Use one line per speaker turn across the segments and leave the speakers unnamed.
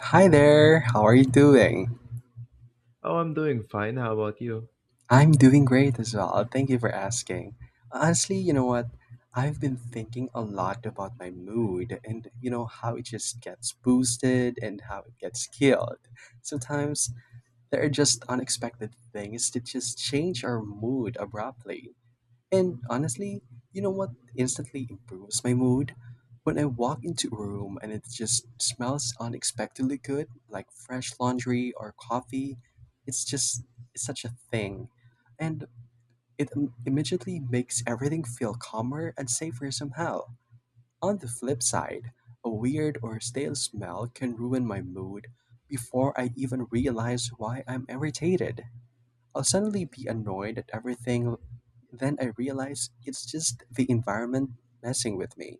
Hi there, how are you doing?
Oh, I'm doing fine. How about you?
I'm doing great as well. Thank you for asking. Honestly, you know what? I've been thinking a lot about my mood and you know how it just gets boosted and how it gets killed. Sometimes there are just unexpected things that just change our mood abruptly. And honestly, you know what instantly improves my mood? When I walk into a room and it just smells unexpectedly good, like fresh laundry or coffee, it's just it's such a thing. And immediately makes everything feel calmer and safer somehow. On the flip side, a weird or stale smell can ruin my mood before I even realize why I'm irritated. I'll suddenly be annoyed at everything, then I realized it's just the environment messing with me.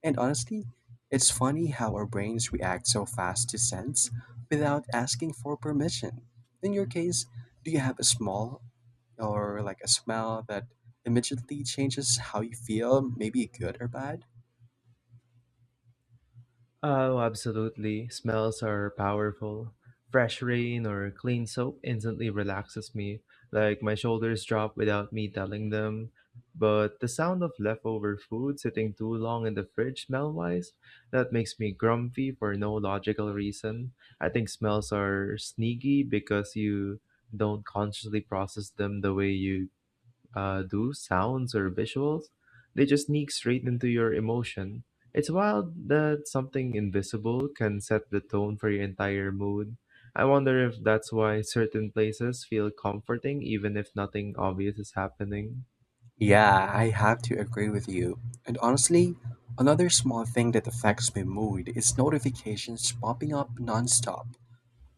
And honestly, it's funny how our brains react so fast to scents without asking for permission. In your case, do you have a small or like a smell that immediately changes how you feel, maybe good or bad?
Oh, absolutely. Smells are powerful. Fresh rain or clean soap instantly relaxes me. Like my shoulders drop without me telling them. But the sound of leftover food sitting too long in the fridge smell wise, that makes me grumpy for no logical reason. I think smells are sneaky because you don't consciously process them the way you do, sounds, or visuals. They just sneak straight into your emotion. It's wild that something invisible can set the tone for your entire mood. I wonder if that's why certain places feel comforting even if nothing obvious is happening.
Yeah, I have to agree with you. And honestly, another small thing that affects my mood is notifications popping up nonstop.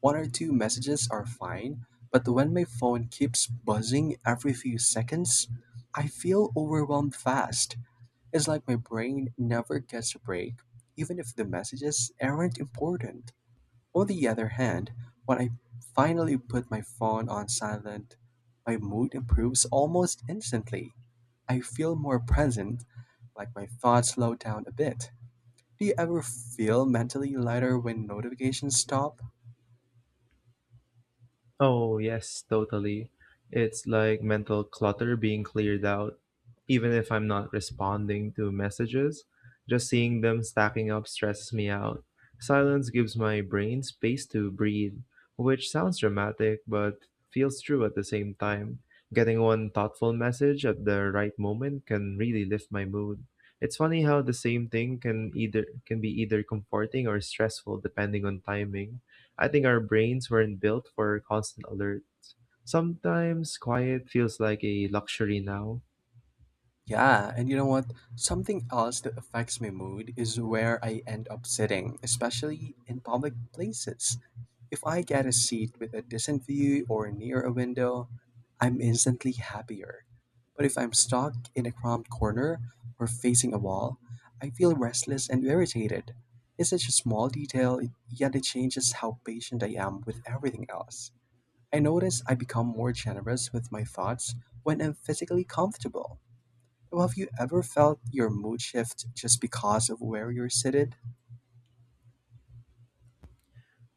One or two messages are fine, but when my phone keeps buzzing every few seconds, I feel overwhelmed fast. It's like my brain never gets a break, even if the messages aren't important. On the other hand, when I finally put my phone on silent, my mood improves almost instantly. I feel more present, like my thoughts slow down a bit. Do you ever feel mentally lighter when notifications stop?
Oh, yes, totally. It's like mental clutter being cleared out. Even if I'm not responding to messages, just seeing them stacking up stresses me out. Silence gives my brain space to breathe, which sounds dramatic but feels true at the same time. Getting one thoughtful message at the right moment can really lift my mood. It's funny how the same thing can either can be either comforting or stressful depending on timing. I think our brains weren't built for constant alert. Sometimes quiet feels like a luxury now.
Yeah, and you know what? Something else that affects my mood is where I end up sitting, especially in public places. If I get a seat with a decent view or near a window, I'm instantly happier. But if I'm stuck in a cramped corner or facing a wall, I feel restless and irritated. It's such a small detail, yet it changes how patient I am with everything else. I notice I become more generous with my thoughts when I'm physically comfortable. Well, have you ever felt your mood shift just because of where you're seated?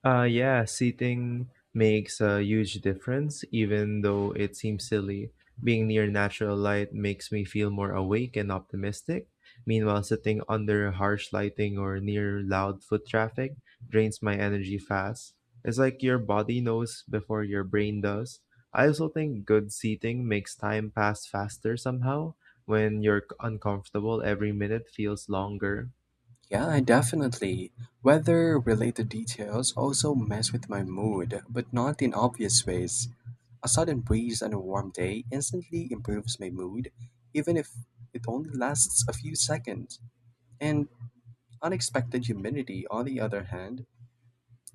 Yeah, seating makes a huge difference, even though it seems silly. Being near natural light makes me feel more awake and optimistic. Meanwhile, sitting under harsh lighting or near loud foot traffic drains my energy fast. It's like your body knows before your brain does. I also think good seating makes time pass faster somehow. When uncomfortable, every minute feels longer.
Yeah, definitely. Weather related details also mess with my mood, but not in obvious ways. A sudden breeze on a warm day instantly improves my mood, even if it only lasts a few seconds. And unexpected humidity, on the other hand,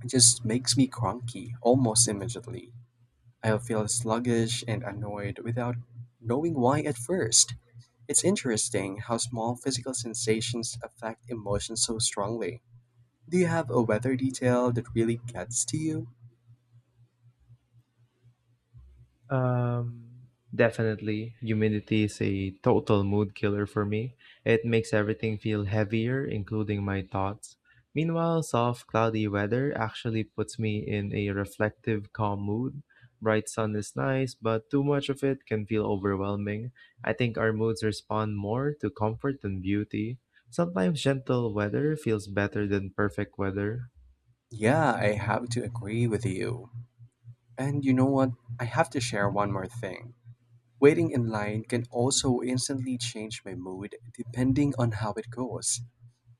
just makes me cranky almost immediately. I'll feel sluggish and annoyed without knowing why at first. It's interesting how small physical sensations affect emotions so strongly. Do you have a weather detail that really gets to you?
Um, Definitely. Humidity is a total mood killer for me. It makes everything feel heavier, including my thoughts. Meanwhile, soft, cloudy weather actually puts me in a reflective, calm mood. Bright sun is nice, but too much of it can feel overwhelming. I think our moods respond more to comfort than beauty. Sometimes gentle weather feels better than perfect weather.
Yeah, I have to agree with you. And you know what? I have to share one more thing. Waiting in line can also instantly change my mood depending on how it goes.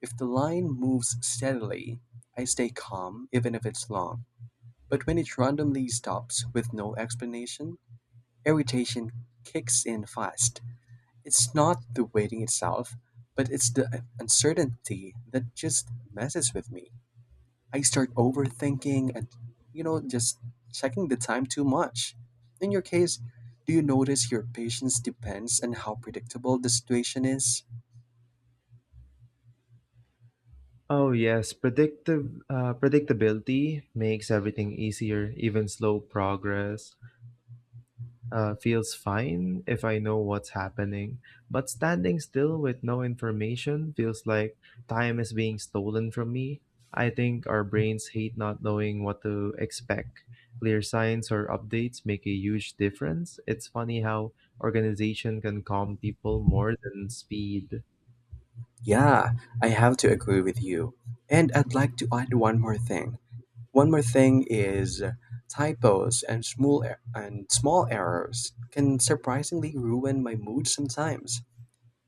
If the line moves steadily, I stay calm even if it's long. But when it randomly stops with no explanation, irritation kicks in fast. It's not the waiting itself, but it's the uncertainty that just messes with me. I start overthinking and, you know, just checking the time too much. In your case, do you notice your patience depends on how predictable the situation is?
Oh yes, predictive predictability makes everything easier. Even slow progress feels fine if I know what's happening. But standing still with no information feels like time is being stolen from me. I think our brains hate not knowing what to expect. Clear signs or updates make a huge difference. It's funny how organization can calm people more than speed.
Yeah, I have to agree with you. And I'd like to add one more thing. One more thing is typos and small errors can surprisingly ruin my mood sometimes.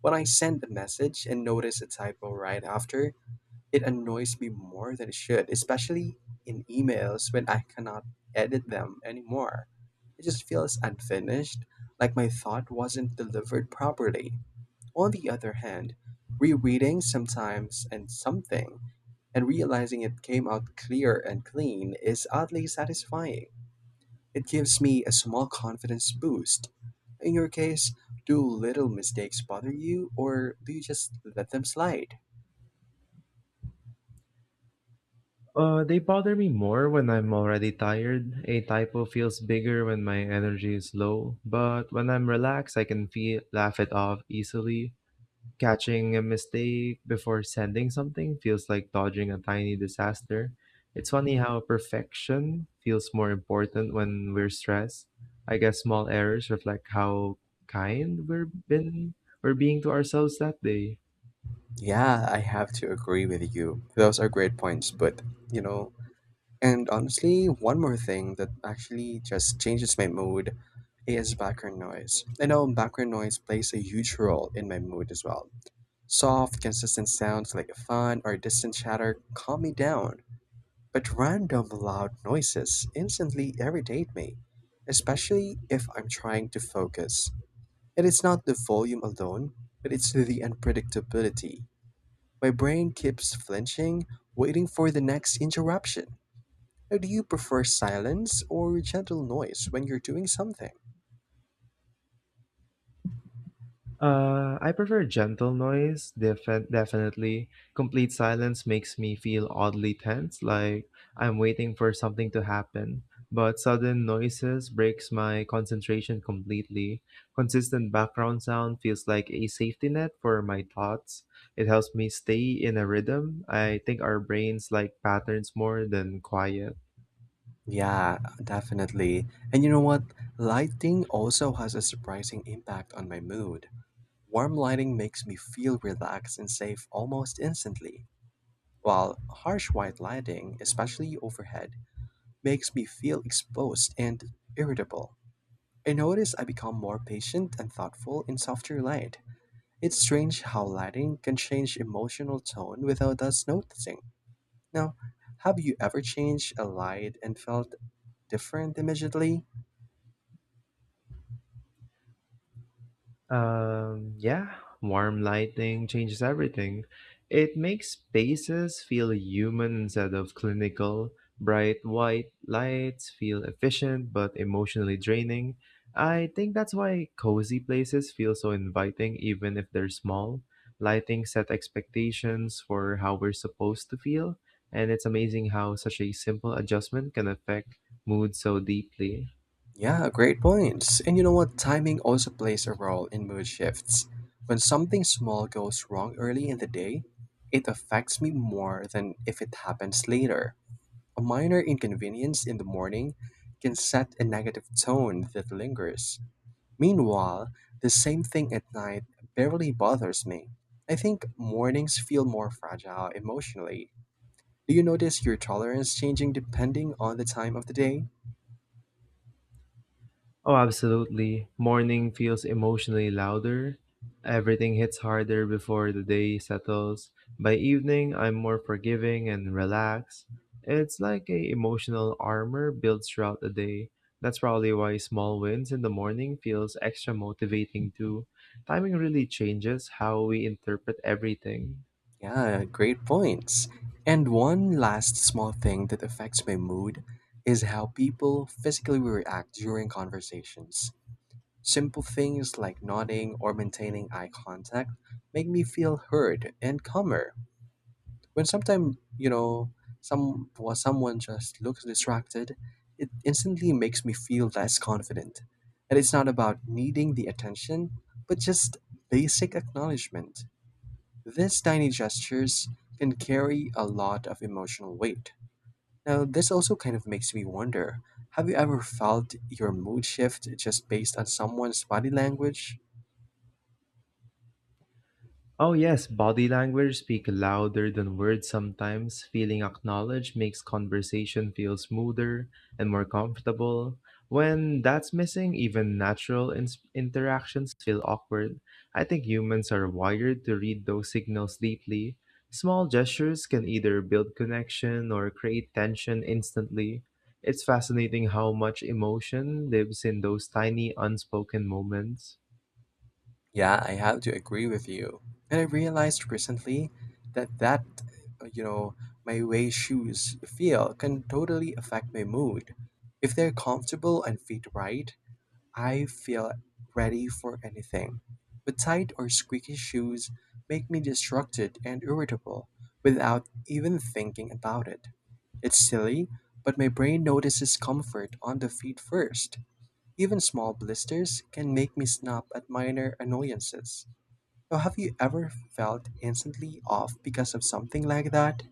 When I send a message and notice a typo right after, it annoys me more than it should, especially in emails when I cannot edit them anymore. It just feels unfinished, like my thought wasn't delivered properly. On the other hand, rereading sometimes and something and realizing it came out clear and clean is oddly satisfying. It gives me a small confidence boost. In your case, do little mistakes bother you, or do you just let them slide?
They bother me more when I'm already tired. A typo feels bigger when my energy is low, but when I'm relaxed, I can feel laugh it off easily. Catching a mistake before sending something feels like dodging a tiny disaster. It's funny how perfection feels more important when we're stressed. I guess small errors reflect how kind we're being to ourselves that day.
Yeah, I have to agree with you. Those are great points, but you know, and honestly, one more thing that actually just changes my mood is background noise. I know background noise plays a huge role in my mood as well. Soft, consistent sounds like fun or distant chatter calm me down. But random loud noises instantly irritate me, especially if I'm trying to focus. It is not the volume alone, but it's the unpredictability. My brain keeps flinching, waiting for the next interruption. Now, do you prefer silence or gentle noise when you're doing something?
I prefer gentle noise, definitely. Complete silence makes me feel oddly tense, like I'm waiting for something to happen. But sudden noises breaks my concentration completely. Consistent background sound feels like a safety net for my thoughts. It helps me stay in a rhythm. I think our brains like patterns more than quiet.
Yeah, definitely. And you know what? Lighting also has a surprising impact on my mood. Warm lighting makes me feel relaxed and safe almost instantly, while harsh white lighting, especially overhead, makes me feel exposed and irritable. I notice I become more patient and thoughtful in softer light. It's strange how lighting can change emotional tone without us noticing. Now, have you ever changed a light and felt different immediately?
Yeah, warm lighting changes everything. It makes spaces feel human instead of clinical. Bright white lights feel efficient but emotionally draining. I think that's why cozy places feel so inviting even if they're small. Lighting set expectations for how we're supposed to feel, and it's amazing how such a simple adjustment can affect mood so deeply.
Yeah, great points. And you know what? Timing also plays a role in mood shifts. When something small goes wrong early in the day, it affects me more than if it happens later. A minor inconvenience in the morning can set a negative tone that lingers. Meanwhile, the same thing at night barely bothers me. I think mornings feel more fragile emotionally. Do you notice your tolerance changing depending on the time of the day?
Oh, absolutely. Morning feels emotionally louder. Everything hits harder before the day settles. By evening, I'm more forgiving and relaxed. It's like a emotional armor built throughout the day. That's probably why small wins in the morning feels extra motivating too. Timing really changes how we interpret everything.
Yeah, great points. And one last small thing that affects my mood is how people physically react during conversations. Simple things like nodding or maintaining eye contact make me feel heard and calmer. When sometimes, you know, someone just looks distracted, it instantly makes me feel less confident. And it's not about needing the attention, but just basic acknowledgement. These tiny gestures can carry a lot of emotional weight. Now, this also kind of makes me wonder, have you ever felt your mood shift just based on someone's body language?
Oh, yes, body language speak louder than words sometimes. Feeling acknowledged makes conversation feel smoother and more comfortable. When that's missing, even natural interactions feel awkward. I think humans are wired to read those signals deeply. Small gestures can either build connection or create tension instantly. It's fascinating how much emotion lives in those tiny unspoken moments.
Yeah, I have to agree with you. And I realized recently that, you know, my way shoes feel can totally affect my mood. If they're comfortable and fit right, I feel ready for anything. But tight or squeaky shoes make me distracted and irritable without even thinking about it. It's silly, but my brain notices comfort on the feet first. Even small blisters can make me snap at minor annoyances. Now, have you ever felt instantly off because of something like that?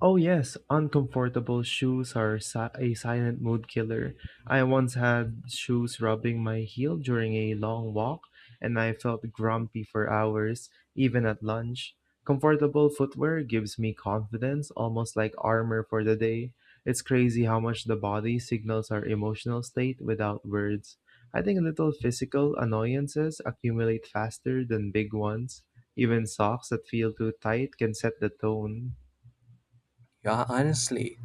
Oh yes, uncomfortable shoes are a silent mood killer. I once had shoes rubbing my heel during a long walk, and I felt grumpy for hours, even at lunch. Comfortable footwear gives me confidence, almost like armor for the day. It's crazy how much the body signals our emotional state without words. I think little physical annoyances accumulate faster than big ones. Even socks that feel too tight can set the tone.
Yeah, honestly.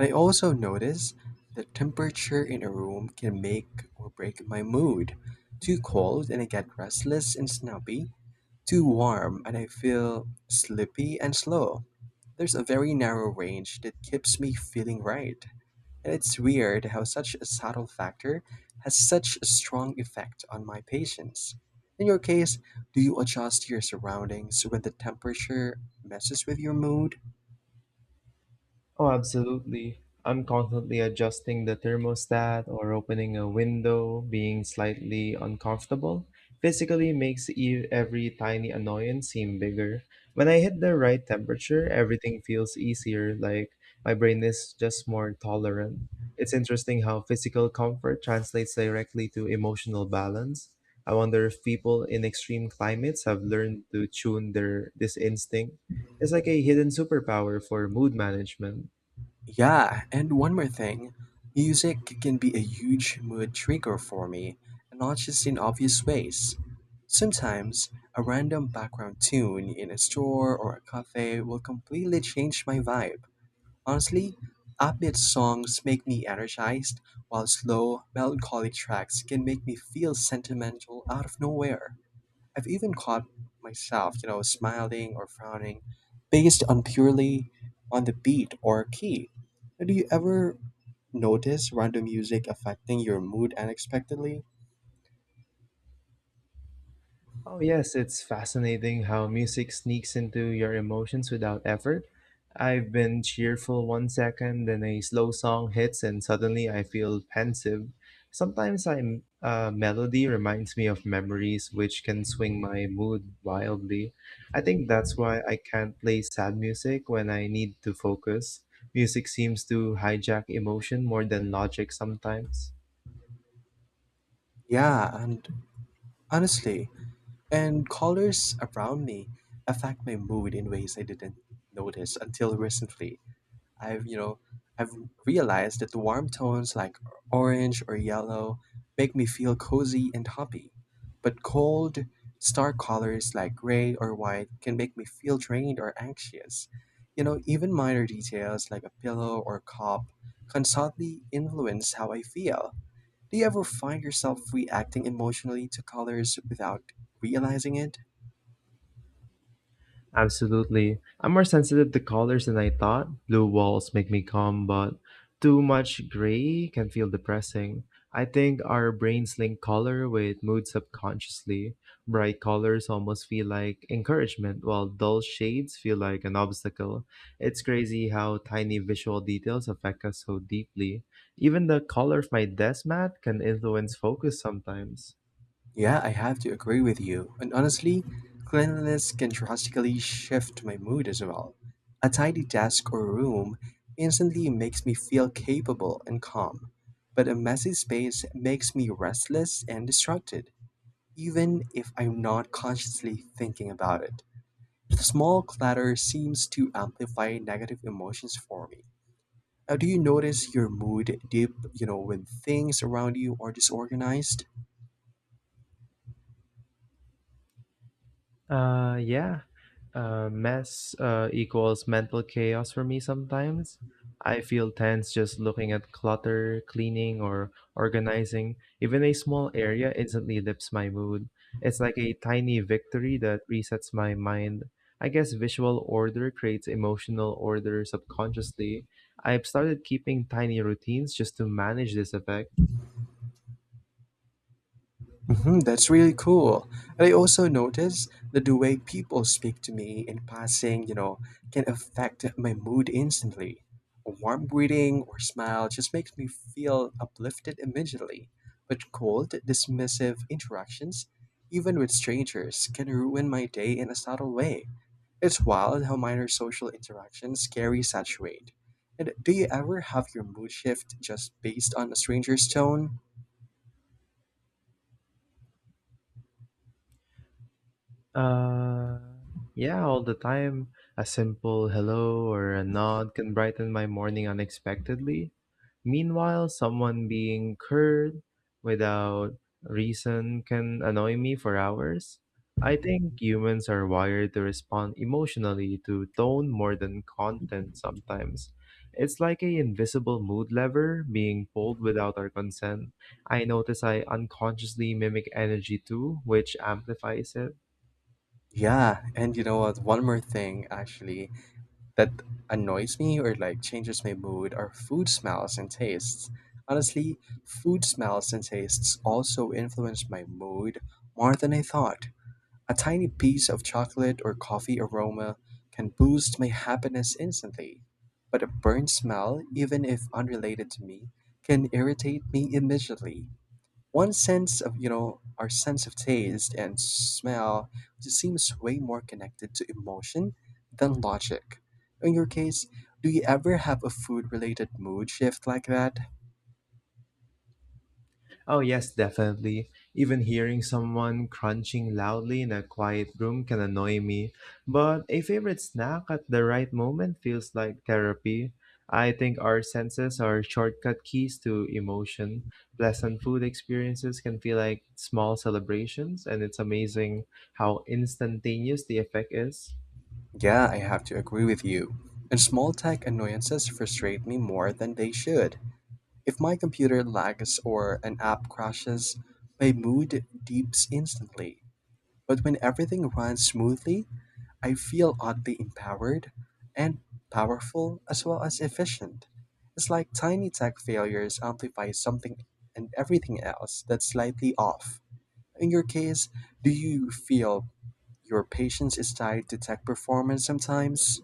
I also notice that temperature in a room can make or break my mood. Too cold and I get restless and snappy. Too warm and I feel sleepy and slow. There's a very narrow range that keeps me feeling right. And it's weird how such a subtle factor has such a strong effect on my patience. In your case, do you adjust your surroundings when the temperature messes with your mood?
Oh, absolutely. I'm constantly adjusting the thermostat or opening a window, being slightly uncomfortable. Physically makes every tiny annoyance seem bigger. When I hit the right temperature, everything feels easier, like my brain is just more tolerant. It's interesting how physical comfort translates directly to emotional balance. I wonder if people in extreme climates have learned to tune their this instinct. It's like a hidden superpower for mood management.
Yeah, and one more thing. Music can be a huge mood trigger for me, and not just in obvious ways. Sometimes, a random background tune in a store or a cafe will completely change my vibe. Honestly, upbeat songs make me energized, while slow, melancholic tracks can make me feel sentimental out of nowhere. I've even caught myself, you know, smiling or frowning based on purely on the beat or key. Do you ever notice random music affecting your mood unexpectedly?
Oh, yes, it's fascinating how music sneaks into your emotions without effort. I've been cheerful one second, then a slow song hits, and suddenly I feel pensive. Sometimes I'm, a melody reminds me of memories, which can swing my mood wildly. I think that's why I can't play sad music when I need to focus. Music seems to hijack emotion more than logic sometimes.
Yeah, and honestly, and colors around me affect my mood in ways I didn't notice until recently. I've, you know, I've realized that the warm tones like orange or yellow make me feel cozy and happy, but cold, stark colors like gray or white can make me feel drained or anxious. You know, even minor details like a pillow or cup can subtly influence how I feel. Do you ever find yourself reacting emotionally to colors without realizing it?
Absolutely. I'm more sensitive to colors than I thought. Blue walls make me calm, but too much gray can feel depressing. I think our brains link color with mood subconsciously. Bright colors almost feel like encouragement, while dull shades feel like an obstacle. It's crazy how tiny visual details affect us so deeply. Even the color of my desk mat can influence focus sometimes.
Yeah, I have to agree with you. And honestly, cleanliness can drastically shift my mood as well. A tidy desk or room instantly makes me feel capable and calm, but a messy space makes me restless and distracted, even if I'm not consciously thinking about it. The small clutter seems to amplify negative emotions for me. Now, do you notice your mood dip, you know, when things around you are disorganized?
Yeah. Mess equals mental chaos for me sometimes. I feel tense just looking at clutter, cleaning, or organizing. Even a small area instantly lifts my mood. It's like a tiny victory that resets my mind. I guess visual order creates emotional order subconsciously. I've started keeping tiny routines just to manage this effect.
Mhm, that's really cool. And I also noticed that the way people speak to me in passing, you know, can affect my mood instantly. A warm greeting or smile just makes me feel uplifted immediately. But cold, dismissive interactions, even with strangers, can ruin my day in a subtle way. It's wild how minor social interactions carry such weight. And do you ever have your mood shift just based on a stranger's tone?
Uh, yeah, all the time. A simple hello or a nod can brighten my morning unexpectedly. Meanwhile, someone being curt without reason can annoy me for hours. I think humans are wired to respond emotionally to tone more than content sometimes. It's like a invisible mood lever being pulled without our consent. I notice I unconsciously mimic energy too, which amplifies it.
Yeah, and you know what? One more thing actually that annoys me or like changes my mood are food smells and tastes. Honestly, food smells and tastes also influence my mood more than I thought. A tiny piece of chocolate or coffee aroma can boost my happiness instantly, but a burnt smell, even if unrelated to me, can irritate me immediately. One sense of our sense of taste and smell just seems way more connected to emotion than logic. In your case, do you ever have a food related mood shift like that?
Oh, yes, definitely. Even hearing someone crunching loudly in a quiet room can annoy me. But a favorite snack at the right moment feels like therapy. I think our senses are shortcut keys to emotion. Pleasant food experiences can feel like small celebrations, and it's amazing how instantaneous the effect is.
Yeah, I have to agree with you. And small tech annoyances frustrate me more than they should. If my computer lags or an app crashes, my mood dips instantly, but when everything runs smoothly, I feel oddly empowered and powerful as well as efficient. It's like tiny tech failures amplify something and everything else that's slightly off. In your case, do you feel your patience is tied to tech performance sometimes?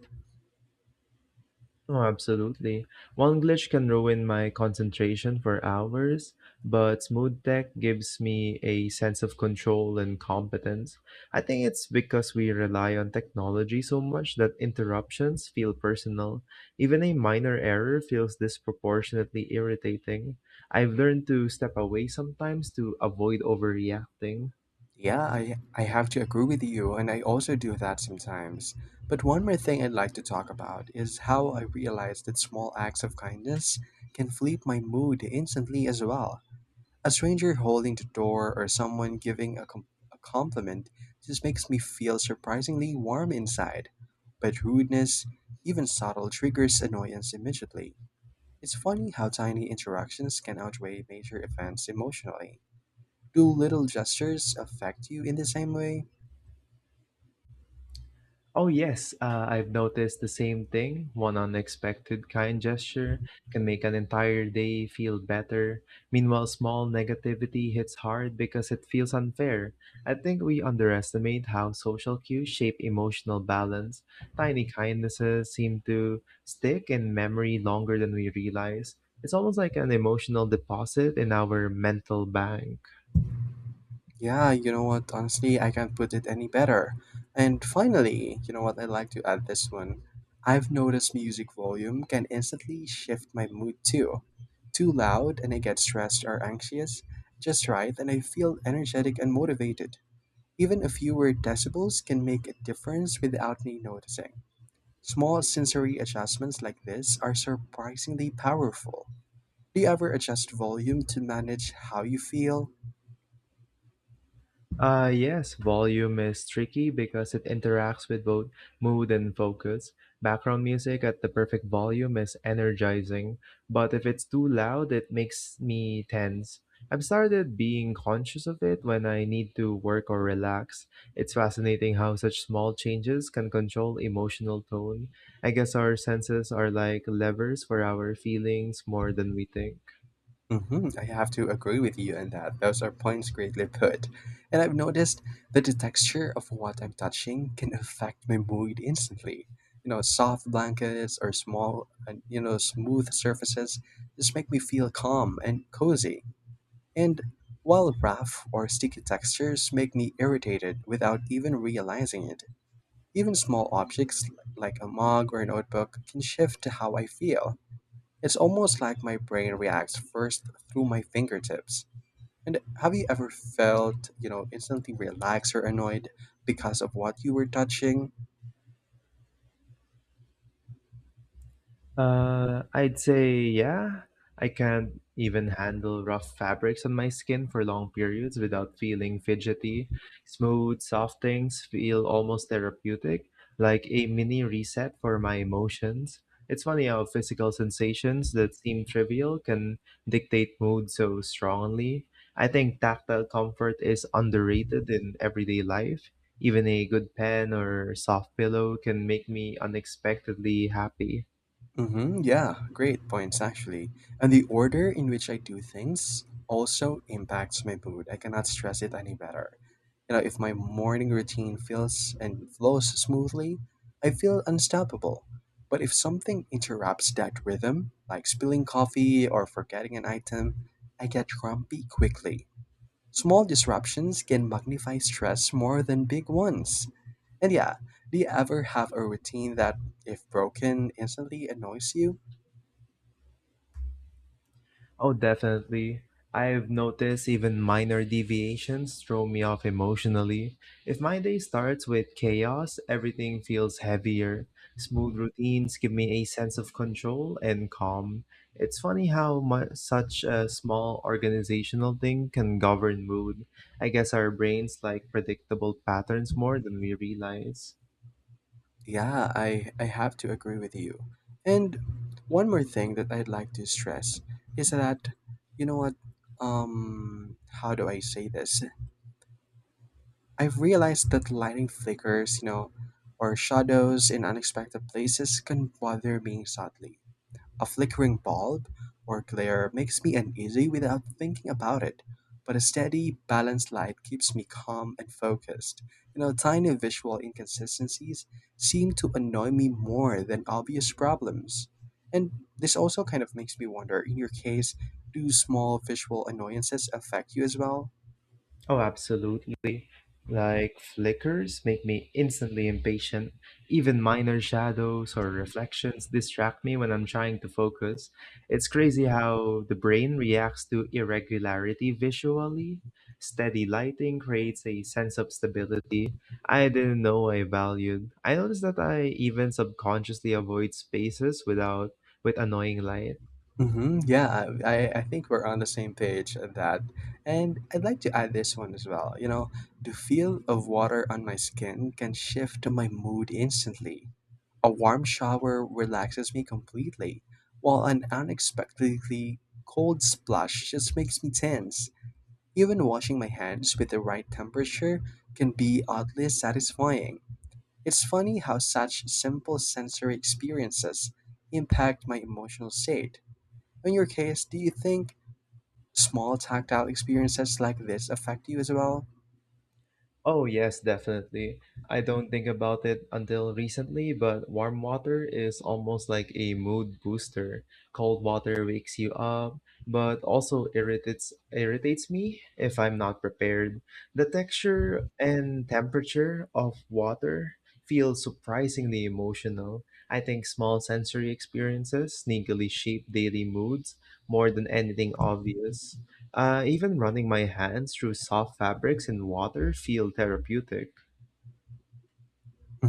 Oh, absolutely. One glitch can ruin my concentration for hours, but Smooth Tech gives me a sense of control and competence. I think it's because we rely on technology so much that interruptions feel personal. Even a minor error feels disproportionately irritating. I've learned to step away sometimes to avoid overreacting.
Yeah, I have to agree with you, and I also do that sometimes. But one more thing I'd like to talk about is how I realized that small acts of kindness can flip my mood instantly as well. A stranger holding the door or someone giving a compliment just makes me feel surprisingly warm inside. But rudeness, even subtle, triggers annoyance immediately. It's funny how tiny interactions can outweigh major events emotionally. Do little gestures affect you in the same way?
Oh, yes, I've noticed the same thing. One unexpected kind gesture can make an entire day feel better. Meanwhile, small negativity hits hard because it feels unfair. I think we underestimate how social cues shape emotional balance. Tiny kindnesses seem to stick in memory longer than we realize. It's almost like an emotional deposit in our mental bank.
Yeah, you know what? Honestly, I can't put it any better. And finally, you know what? I'd like to add this one. I've noticed music volume can instantly shift my mood too. Too loud, and I get stressed or anxious. Just right, and I feel energetic and motivated. Even a fewer decibels can make a difference without me noticing. Small sensory adjustments like this are surprisingly powerful. Do you ever adjust volume to manage how you feel?
Yes, volume is tricky because it interacts with both mood and focus. Background music at the perfect volume is energizing, but if it's too loud, it makes me tense. I've started being conscious of it when I need to work or relax. It's fascinating how such small changes can control emotional tone. I guess our senses are like levers for our feelings more than we think.
Hmm, I have to agree with you on that. Those are points greatly put. And I've noticed that the texture of what I'm touching can affect my mood instantly. You know, soft blankets or small, you know, smooth surfaces just make me feel calm and cozy. And while rough or sticky textures make me irritated without even realizing it, even small objects like a mug or a notebook can shift to how I feel. It's almost like my brain reacts first through my fingertips. And have you ever felt, you know, instantly relaxed or annoyed because of what you were touching?
I'd say, yeah. I can't even handle rough fabrics on my skin for long periods without feeling fidgety. Smooth, soft things feel almost therapeutic, like a mini reset for my emotions. It's funny how physical sensations that seem trivial can dictate mood so strongly. I think tactile comfort is underrated in everyday life. Even a good pen or soft pillow can make me unexpectedly happy.
Mm-hmm, yeah, great points actually. And the order in which I do things also impacts my mood. I cannot stress it any better. You know, if my morning routine feels and flows smoothly, I feel unstoppable. But if something interrupts that rhythm, like spilling coffee or forgetting an item, I get grumpy quickly. Small disruptions can magnify stress more than big ones. And yeah, do you ever have a routine that, if broken, instantly annoys you?
Oh, definitely. I've noticed even minor deviations throw me off emotionally. If my day starts with chaos, everything feels heavier. Smooth routines give me a sense of control and calm. It's funny how such a small organizational thing can govern mood. I guess our brains like predictable patterns more than we realize.
Yeah, I have to agree with you. And one more thing that I'd like to stress is that, you know what, um, how do I say this? I've realized that lighting flickers, you know, or shadows in unexpected places can bother me subtly. A flickering bulb or glare makes me uneasy without thinking about it, but a steady, balanced light keeps me calm and focused. You know, tiny visual inconsistencies seem to annoy me more than obvious problems. And this also kind of makes me wonder, in your case, do small visual annoyances affect you as well?
Oh, absolutely. Like flickers make me instantly impatient. Even minor shadows or reflections distract me when I'm trying to focus. It's crazy how the brain reacts to irregularity visually. Steady lighting creates a sense of stability I didn't know I valued. I noticed that I even subconsciously avoid spaces without with annoying light.
Hmm, yeah, I think we're on the same page at that. And I'd like to add this one as well. You know, the feel of water on my skin can shift my mood instantly. A warm shower relaxes me completely, while an unexpectedly cold splash just makes me tense. Even washing my hands with the right temperature can be oddly satisfying. It's funny how such simple sensory experiences impact my emotional state. In your case, do you think small tactile experiences like this affect you as well?
Oh, yes, definitely. I don't think about it until recently, but warm water is almost like a mood booster. Cold water wakes you up, but also irritates me if I'm not prepared. The texture and temperature of water feel surprisingly emotional. I think small sensory experiences sneakily shape daily moods more than anything obvious. Even running my hands through soft fabrics in water feel therapeutic.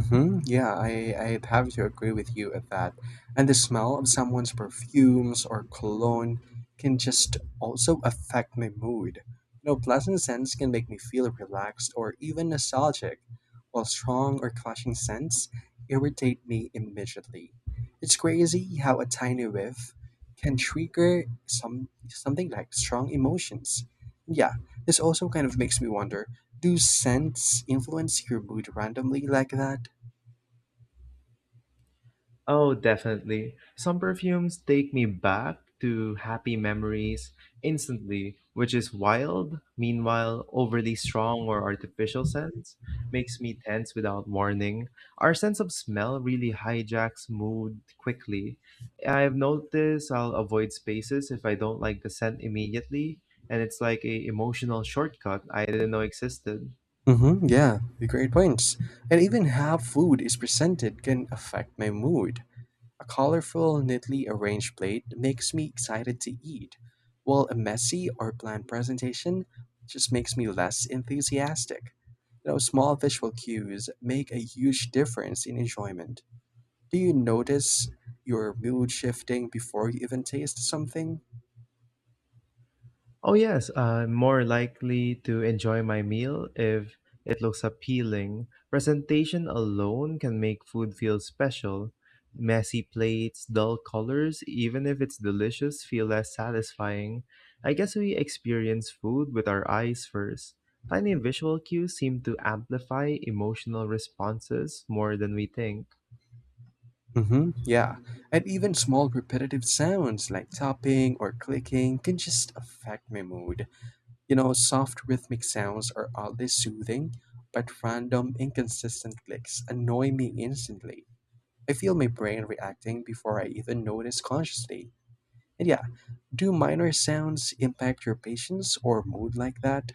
Hmm, yeah, I'd have to agree with you at that. And the smell of someone's perfumes or cologne can just also affect my mood. You know, pleasant scents can make me feel relaxed or even nostalgic, while strong or clashing scents irritate me immediately. It's crazy how a tiny whiff can trigger something like strong emotions. Yeah, this also kind of makes me wonder, do scents influence your mood randomly like that?
Oh, definitely. Some perfumes take me back to happy memories instantly, which is wild. Meanwhile, overly strong or artificial scents makes me tense without warning. Our sense of smell really hijacks mood quickly. I've noticed I'll avoid spaces if I don't like the scent immediately, and it's like a emotional shortcut I didn't know existed.
Mm-hmm, yeah, great points. And even how food is presented can affect my mood. A colorful, neatly arranged plate makes me excited to eat, while a messy or bland presentation just makes me less enthusiastic. You know, small visual cues make a huge difference in enjoyment. Do you notice your mood shifting before you even taste something?
Oh, yes, I'm more likely to enjoy my meal if it looks appealing. Presentation alone can make food feel special. Messy plates, dull colors, even if it's delicious, feel less satisfying. I guess we experience food with our eyes first. Tiny visual cues seem to amplify emotional responses more than we think.
Hmm, yeah, and even small repetitive sounds like tapping or clicking can just affect my mood. You know, soft rhythmic sounds are oddly soothing, but random, inconsistent clicks annoy me instantly. I feel my brain reacting before I even notice consciously. And yeah, do minor sounds impact your patience or mood like that?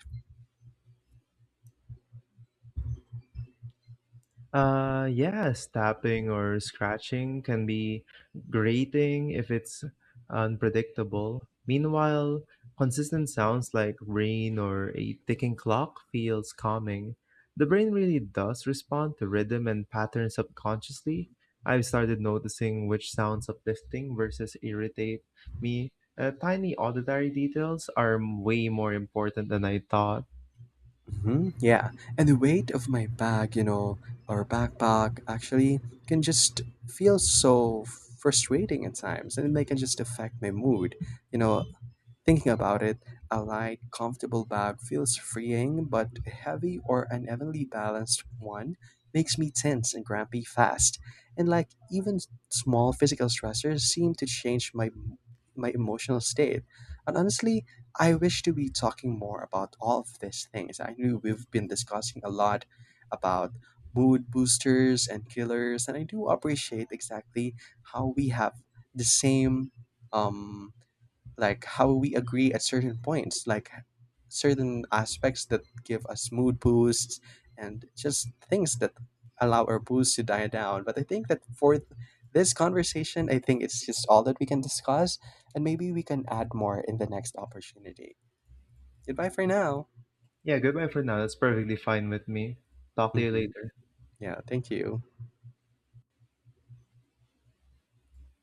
Yes, tapping or scratching can be grating if it's unpredictable. Meanwhile, consistent sounds like rain or a ticking clock feels calming. The brain really does respond to rhythm and pattern subconsciously. I've started noticing which sounds uplifting versus irritate me. Tiny auditory details are way more important than I thought.
Mhm, yeah, and the weight of my bag, you know, or backpack actually can just feel so frustrating at times, and they can just affect my mood. You know, thinking about it, a light, comfortable bag feels freeing, but a heavy or unevenly balanced one makes me tense and grumpy fast. And like even small physical stressors seem to change my emotional state. And honestly, I wish to be talking more about all of these things. I know we've been discussing a lot about mood boosters and killers, and I do appreciate exactly how we have the same um, like how we agree at certain points, like certain aspects that give us mood boosts and just things that allow our boost to die down. But I think that for this conversation, I think it's just all that we can discuss, and maybe we can add more in the next opportunity. Goodbye for now.
Yeah, goodbye for now. That's perfectly fine with me. Talk to you
Hmm,
later.
yeah, thank you.